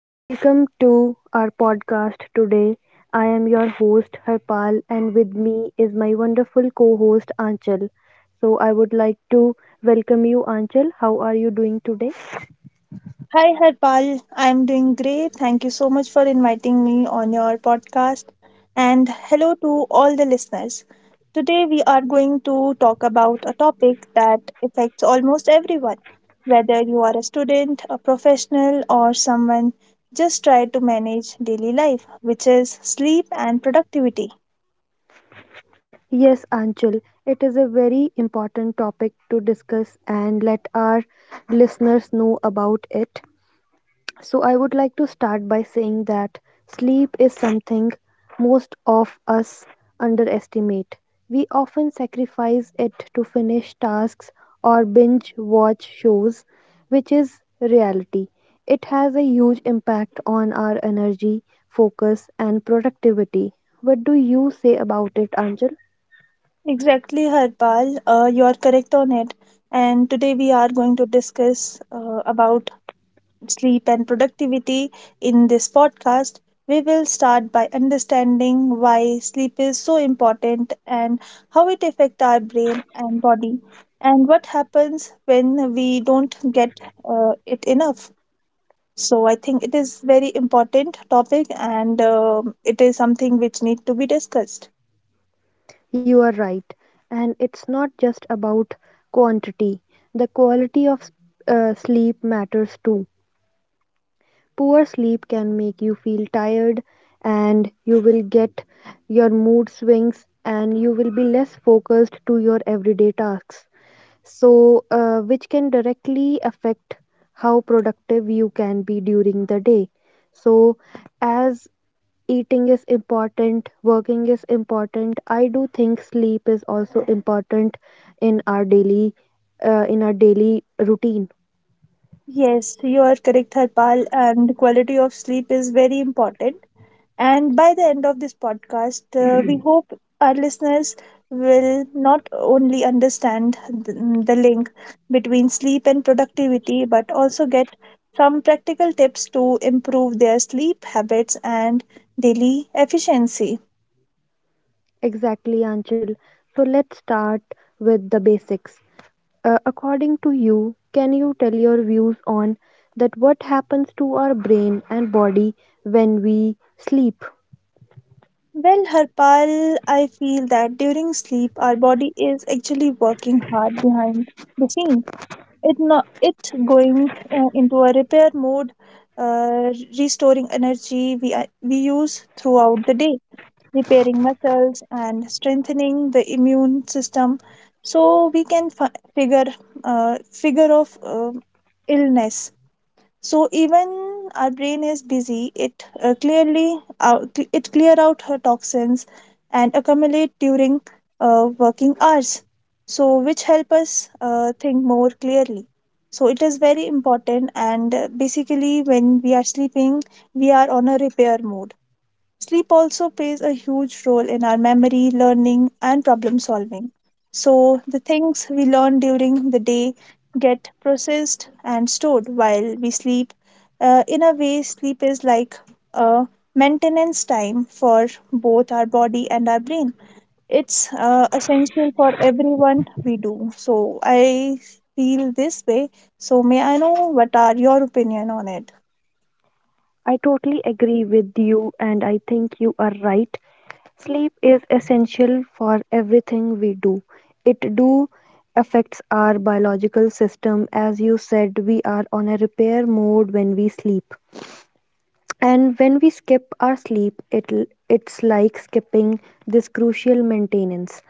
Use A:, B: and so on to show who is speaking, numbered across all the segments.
A: Welcome to our podcast today. I am your host, Harpal, and with me is my wonderful co host, Anchal. So, I would like to welcome you, Anchal. How are you doing today?
B: Hi Harpal, I'm doing great. Thank you so much for inviting me on your podcast. And hello to all the listeners. Today we are going to talk about a topic that affects almost everyone, whether you are a student, a professional, or someone just try to manage daily life, which is sleep and productivity.
A: Yes, Anchal, it is a very important topic to discuss and let our listeners know about it. So, I would like to start by saying that sleep is something most of us underestimate. We often sacrifice it to finish tasks or binge watch shows, which is reality. It has a huge impact on our energy, focus, and productivity. What do you say about it, Anjal?
B: Exactly, Harpal, you are correct on it. And today we are going to discuss about sleep, and productivity in this podcast, we will start by understanding why sleep is so important and how it affects our brain and body, and what happens when we don't get it enough. So I think it is very important topic, and it is something which need to be discussed.
A: You are right. And it's not just about quantity, the quality of sleep matters too. Poor sleep can make you feel tired and you will get your mood swings and you will be less focused to your everyday tasks. So, which can directly affect how productive you can be during the day. So, as eating is important, working is important, I do think sleep is also important in our daily in our daily routine.
B: Yes, you are correct, Harpal, and quality of sleep is very important. And by the end of this podcast, we hope our listeners will not only understand the link between sleep and productivity, but also get some practical tips to improve their sleep habits and daily efficiency.
A: Exactly, Anchal. So let's start with the basics. According to you, can you tell your views on that what happens to our brain and body when we sleep?
B: Well, Harpal, I feel that during sleep, our body is actually working hard behind the scenes it not it going into a repair mode uh, restoring energy we use throughout the day, repairing muscles and strengthening the immune system, so we can uh, figure of illness. So even our brain is busy. It clear out her toxins and accumulate during working hours, so which help us think more clearly. So it is very important, and basically when we are sleeping we are on a repair mode. Sleep also plays a huge role in our memory, learning, and problem solving. So, the things we learn during the day get processed and stored while we sleep. In a way, sleep is like a maintenance time for both our body and our brain. It's essential for everyone we do. So, I feel this way. So, may I know what are your opinion on it?
A: I totally agree with you, and I think you are right. Sleep is essential for everything we do. It do affects our biological system. As you said, we are on a repair mode when we sleep. And when we skip our sleep, it's like skipping this crucial maintenance.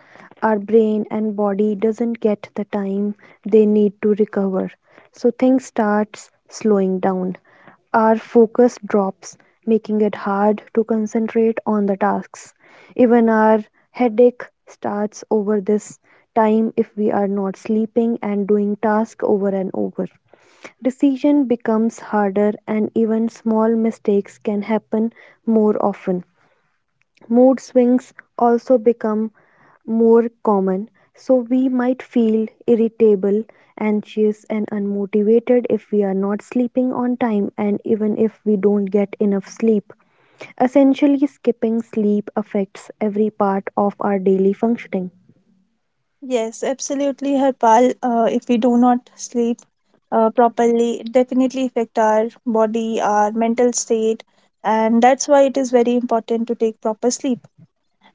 A: Our brain and body doesn't get the time they need to recover. So things starts slowing down. Our focus drops, making it hard to concentrate on the tasks. Even our headache starts over this time if we are not sleeping and doing task over and over. Decision becomes harder and even small mistakes can happen more often. Mood swings also become more common, so we might feel irritable, anxious and unmotivated if we are not sleeping on time and even if we don't get enough sleep. Essentially skipping sleep affects every part of our daily functioning.
B: Yes, absolutely, Harpal. If we do not sleep, properly it definitely affect our body our mental state, and that's why it is very important to take proper sleep,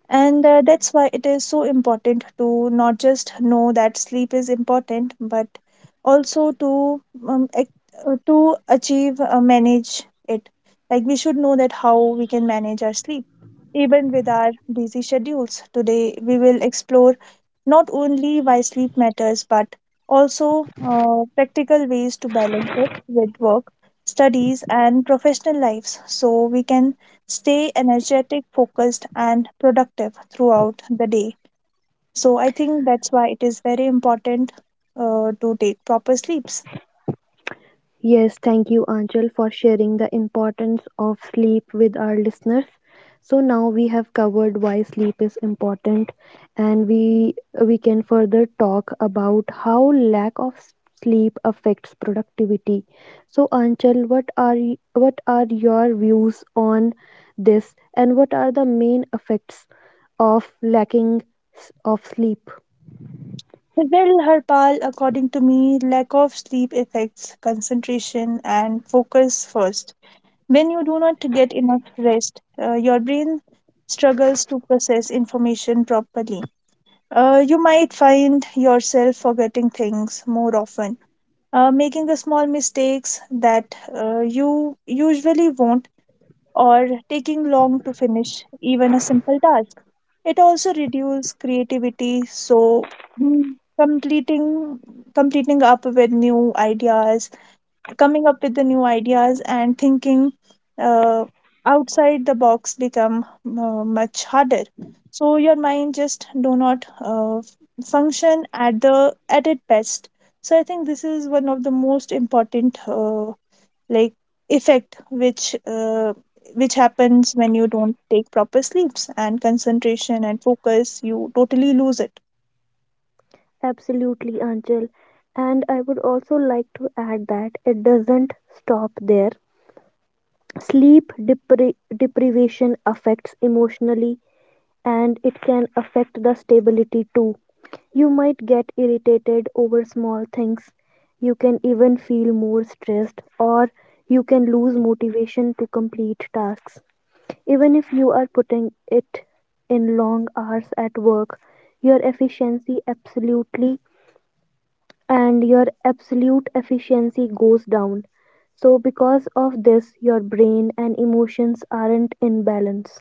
B: and that's why it is so important to not just know that sleep is important, but also to um, ac- to achieve manage it. Like we should know that how we can manage our sleep, even with our busy schedules. Today we will explore not only why sleep matters, but also practical ways to balance it with work, studies, and professional lives, so we can stay energetic, focused, and productive throughout the day. So I think that's why it is very important to take proper sleeps.
A: Yes, thank you, Anchal, for sharing the importance of sleep with our listeners. So now we have covered why sleep is important, and we can further talk about how lack of sleep affects productivity. So, Anchal, what are what are your views on this, and what are the main effects of lacking s- of sleep?
B: Well, Harpal, according to me, lack of sleep affects concentration and focus first. When you do not get enough rest, your brain struggles to process information properly. You might find yourself forgetting things more often, making the small mistakes that you usually won't, or taking long to finish even a simple task. It also reduces creativity, so mm, completing completing up with new ideas coming up with the new ideas and thinking uh, outside the box become much harder. So your mind just do not function at its best. So I think this is one of the most important like effect which happens when you don't take proper sleeps, and concentration and focus you totally lose it.
A: Absolutely, Anchal. And I would also like to add that it doesn't stop there. Sleep deprivation affects emotionally and it can affect the stability too. You might get irritated over small things. You can even feel more stressed or you can lose motivation to complete tasks. Even if you are putting it in long hours at work, your efficiency absolutely and your absolute efficiency goes down. So, because of this, your brain and emotions aren't in balance.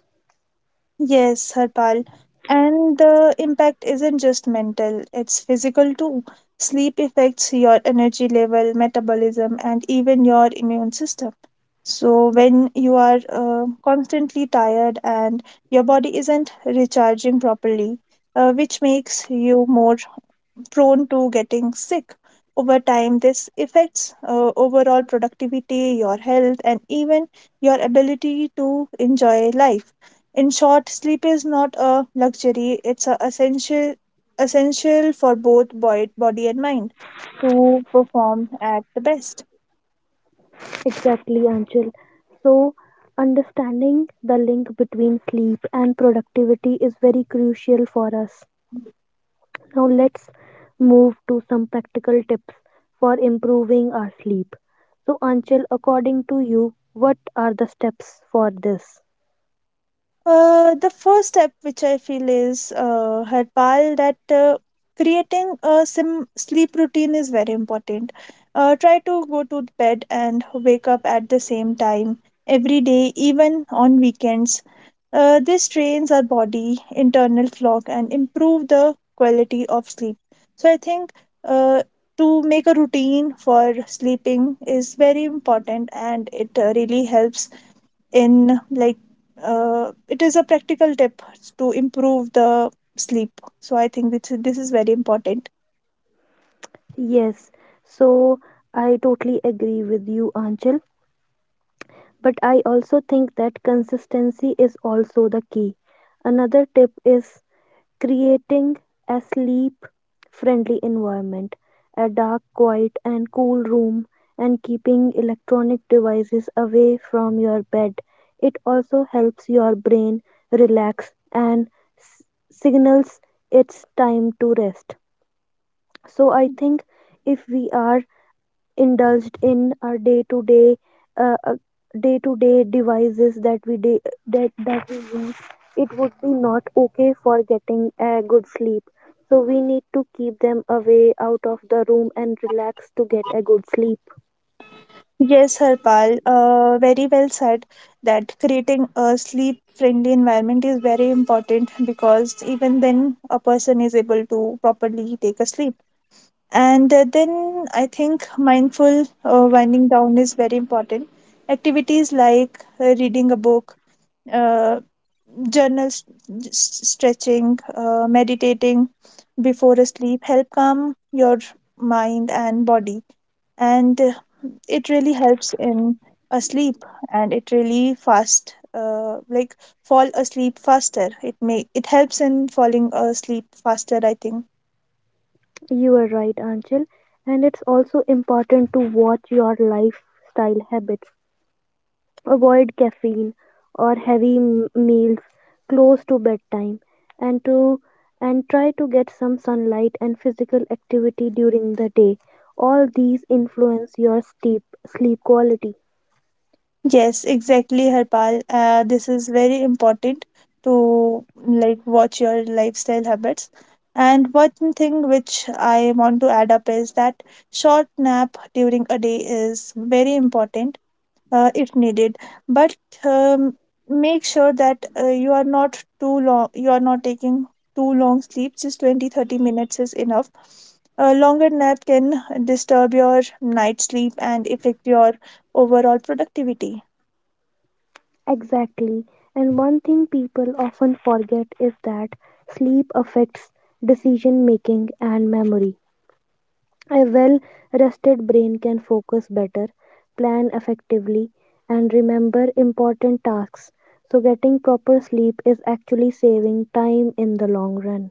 B: Yes, Harpal. And the impact isn't just mental, it's physical too. Sleep affects your energy level, metabolism, and even your immune system. So, when you are constantly tired and your body isn't recharging properly, which makes you more prone to getting sick. Over time, this affects overall productivity, your health, and even your ability to enjoy life. In short, sleep is not a luxury, it's a essential, essential for both body and mind to perform at the best.
A: Exactly, Anchal. So, understanding the link between sleep and productivity is very crucial for us. Now, let's move to some practical tips for improving our sleep. So, Anchal, according to you, what are the steps for this?
B: The first step, which I feel is, Harpal, that creating a sleep routine is very important. Try to go to bed and wake up at the same time every day, even on weekends. This trains our body, internal clock, and improve the quality of sleep. So I think uh, to make a routine for sleeping is very important, and it really helps in it is a practical tip to improve the sleep. So I think this is very important.
A: Yes, so I totally agree with you, Anchal. But I also think that consistency is also the key. Another tip is creating a sleep friendly environment, a dark, quiet, and cool room, and keeping electronic devices away from your bed. It also helps your brain relax and s- signals it's time to rest. So I think if we are indulged in our uh, uh, day-to-day devices that we day, that we use, it would be not okay for getting a good sleep. So we need to keep them away out of the room and relax to get a good sleep.
B: Yes Harpal, very well said that creating a sleep friendly environment is very important because even then a person is able to properly take a sleep. And then I think mindful winding down is very important. Activities like reading a book, uh. journal s- stretching, meditating before a sleep help calm your mind and body. And it really helps in a sleep, and it really fast like fall asleep faster, it helps in falling asleep faster I think.
A: You are right, Anchal, and it's also important to watch your lifestyle habits. Avoid caffeine or heavy meals close to bedtime and to and try to get some sunlight and physical activity during the day. All these influence your sleep quality.
B: Yes, exactly, Harpal. This is very important to like watch your lifestyle habits. And one thing which I want to add up is that short nap during a day is very important if needed. But um, make sure that you are not taking too long sleeps. Just 20-30 minutes is enough. A longer nap can disturb your night sleep and affect your overall productivity.
A: Exactly. And one thing people often forget is that sleep affects decision making and memory. A well rested brain can focus better, plan effectively, and remember important tasks. So, getting proper sleep is actually saving time in the long run.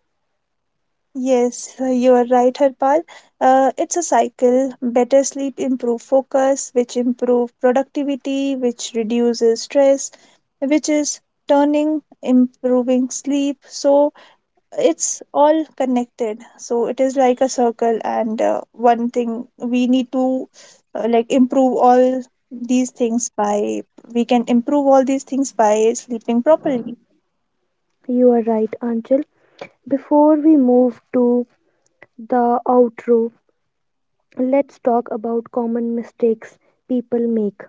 B: Yes, you are right, Harpal. It's a cycle. Better sleep improve focus, which improve productivity, which reduces stress, which is turning improving sleep. So it's all connected. So it is like a circle, and one thing we need to like improve all these things by we can improve all these things by sleeping properly.
A: You are right, Anchal. Before we move to the outro, let's talk about common mistakes people make.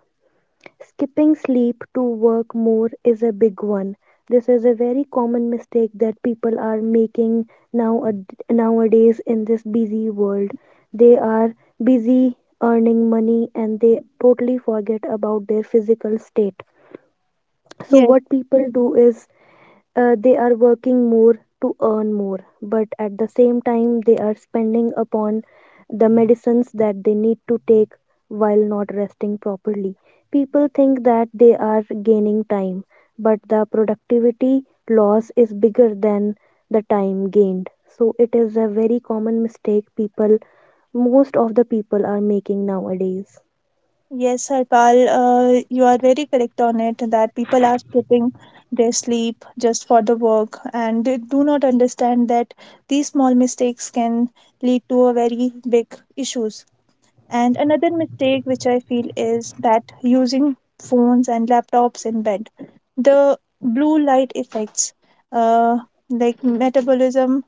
A: Skipping sleep to work more is a big one. This is a very common mistake that people are making nowadays in this busy world. They are busy earning money and they totally forget about their physical state. So what people do is they are working more to earn more, but at the same time they are spending upon the medicines that they need to take while not resting properly. People think that they are gaining time, but the productivity loss is bigger than the time gained. So it is a very common mistake people, most of the people are making nowadays.
B: Yes, Harpal, you are very correct on it that people are skipping their sleep just for the work and they do not understand that these small mistakes can lead to a very big issues. And another mistake which I feel is that using phones and laptops in bed, the blue light effects, uh, metabolism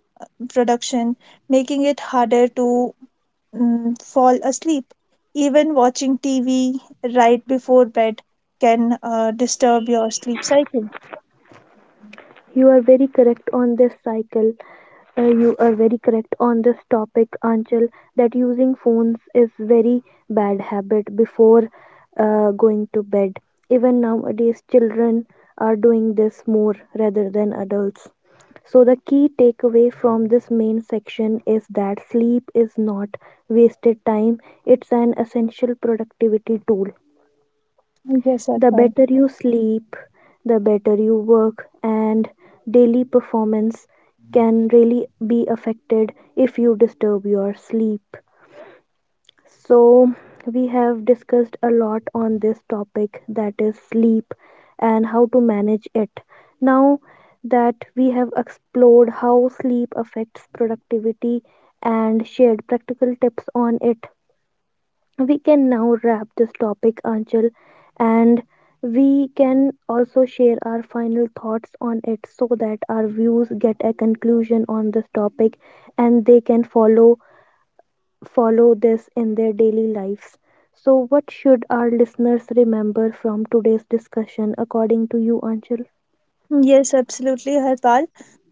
B: production, making it harder to fall asleep. Even watching TV right before bed can disturb your sleep cycle.
A: You are very correct on this cycle. You are very correct on this topic, Anchal, that using phones is very bad habit before going to bed. Even nowadays, children are doing this more rather than adults. So the key takeaway from this main section is that sleep is not wasted time. It's an essential productivity tool.
B: Yes, sir.
A: The better you sleep, the better you work, and daily performance can really be affected if you disturb your sleep. So, we have discussed a lot on this topic that is sleep and how to manage it. Now that we have explored how sleep affects productivity and shared practical tips on it, we can now wrap this topic, Anchal, and we can also share our final thoughts on it so that our views get a conclusion on this topic and they can follow this in their daily lives. So what should our listeners remember from today's discussion according to you, Anchal?
B: Yes, absolutely, Harpal.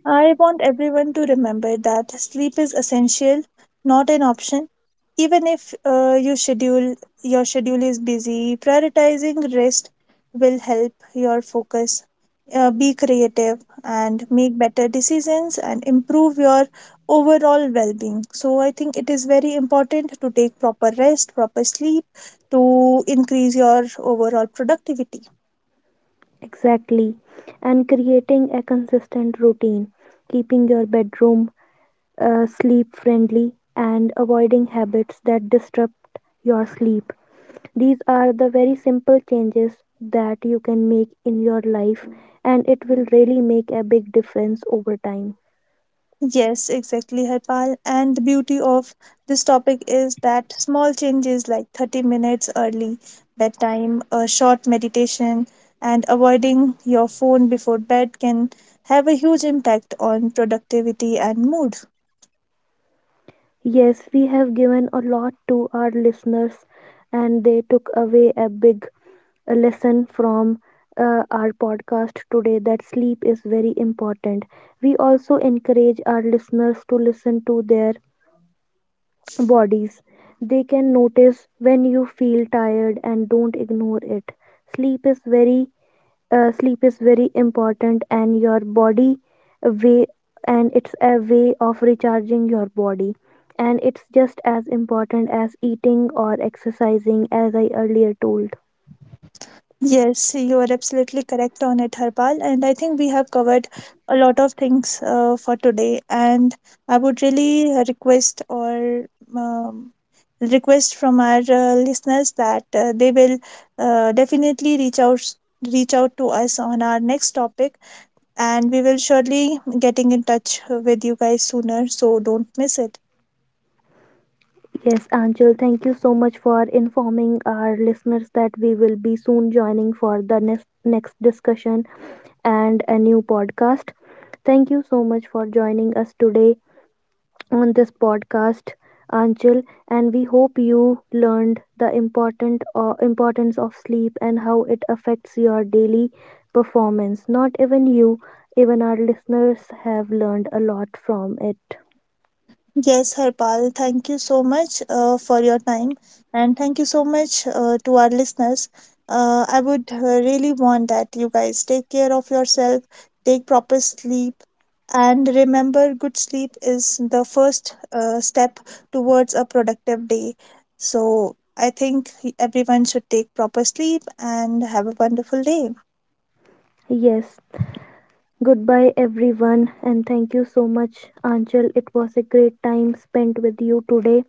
B: I want everyone to remember that sleep is essential, not an option. Even if your schedule is busy, prioritizing rest will help your focus. Be creative and make better decisions and improve your overall well-being. So I think it is very important to take proper rest, proper sleep to increase your overall productivity.
A: Exactly. And creating a consistent routine, keeping your bedroom sleep friendly, and avoiding habits that disrupt your sleep. These are the very simple changes that you can make in your life, and it will really make a big difference over time.
B: Yes, exactly, Harpal. And the beauty of this topic is that small changes like 30 minutes early bedtime, a short meditation, and avoiding your phone before bed can have a huge impact on productivity and mood.
A: Yes, we have given a lot to our listeners, and they took away a big lesson from our podcast today that sleep is very important. We also encourage our listeners to listen to their bodies. They can notice when you feel tired and don't ignore it. Sleep is very sleep is very important and your body way and it's a way of recharging your body and it's just as important as eating or exercising as I earlier told.
B: Yes, you are absolutely correct on it, Harpal. And I think we have covered a lot of things for today. And I would really um, request from our listeners that they will definitely reach out to us on our next topic, and we will surely getting in touch with you guys sooner, so don't miss it.
A: Yes, Anchal, thank you so much for informing our listeners that we will be soon joining for the next discussion and a new podcast. Thank you so much for joining us today on this podcast, Anchal, and we hope you learned the important importance of sleep and how it affects your daily performance. Not even you, even our listeners have learned a lot from it.
B: Yes, Harpal, thank you so much for your time, and thank you so much to our listeners. I would really want that you guys take care of yourself, take proper sleep, and remember good sleep is the first step towards a productive day. So I think everyone should take proper sleep and have a wonderful day.
A: Yes, goodbye, everyone, and thank you so much, Anchal. It was a great time spent with you today.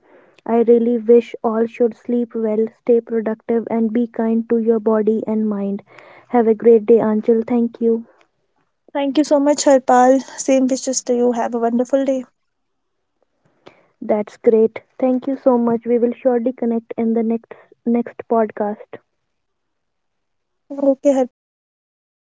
A: I really wish all should sleep well, stay productive, and be kind to your body and mind. Have a great day, Anchal. Thank you.
B: Thank you so much, Harpal. Same wishes to you. Have a wonderful day.
A: That's great. Thank you so much. We will surely connect in the next podcast.
B: Okay, Harpal. Thank you.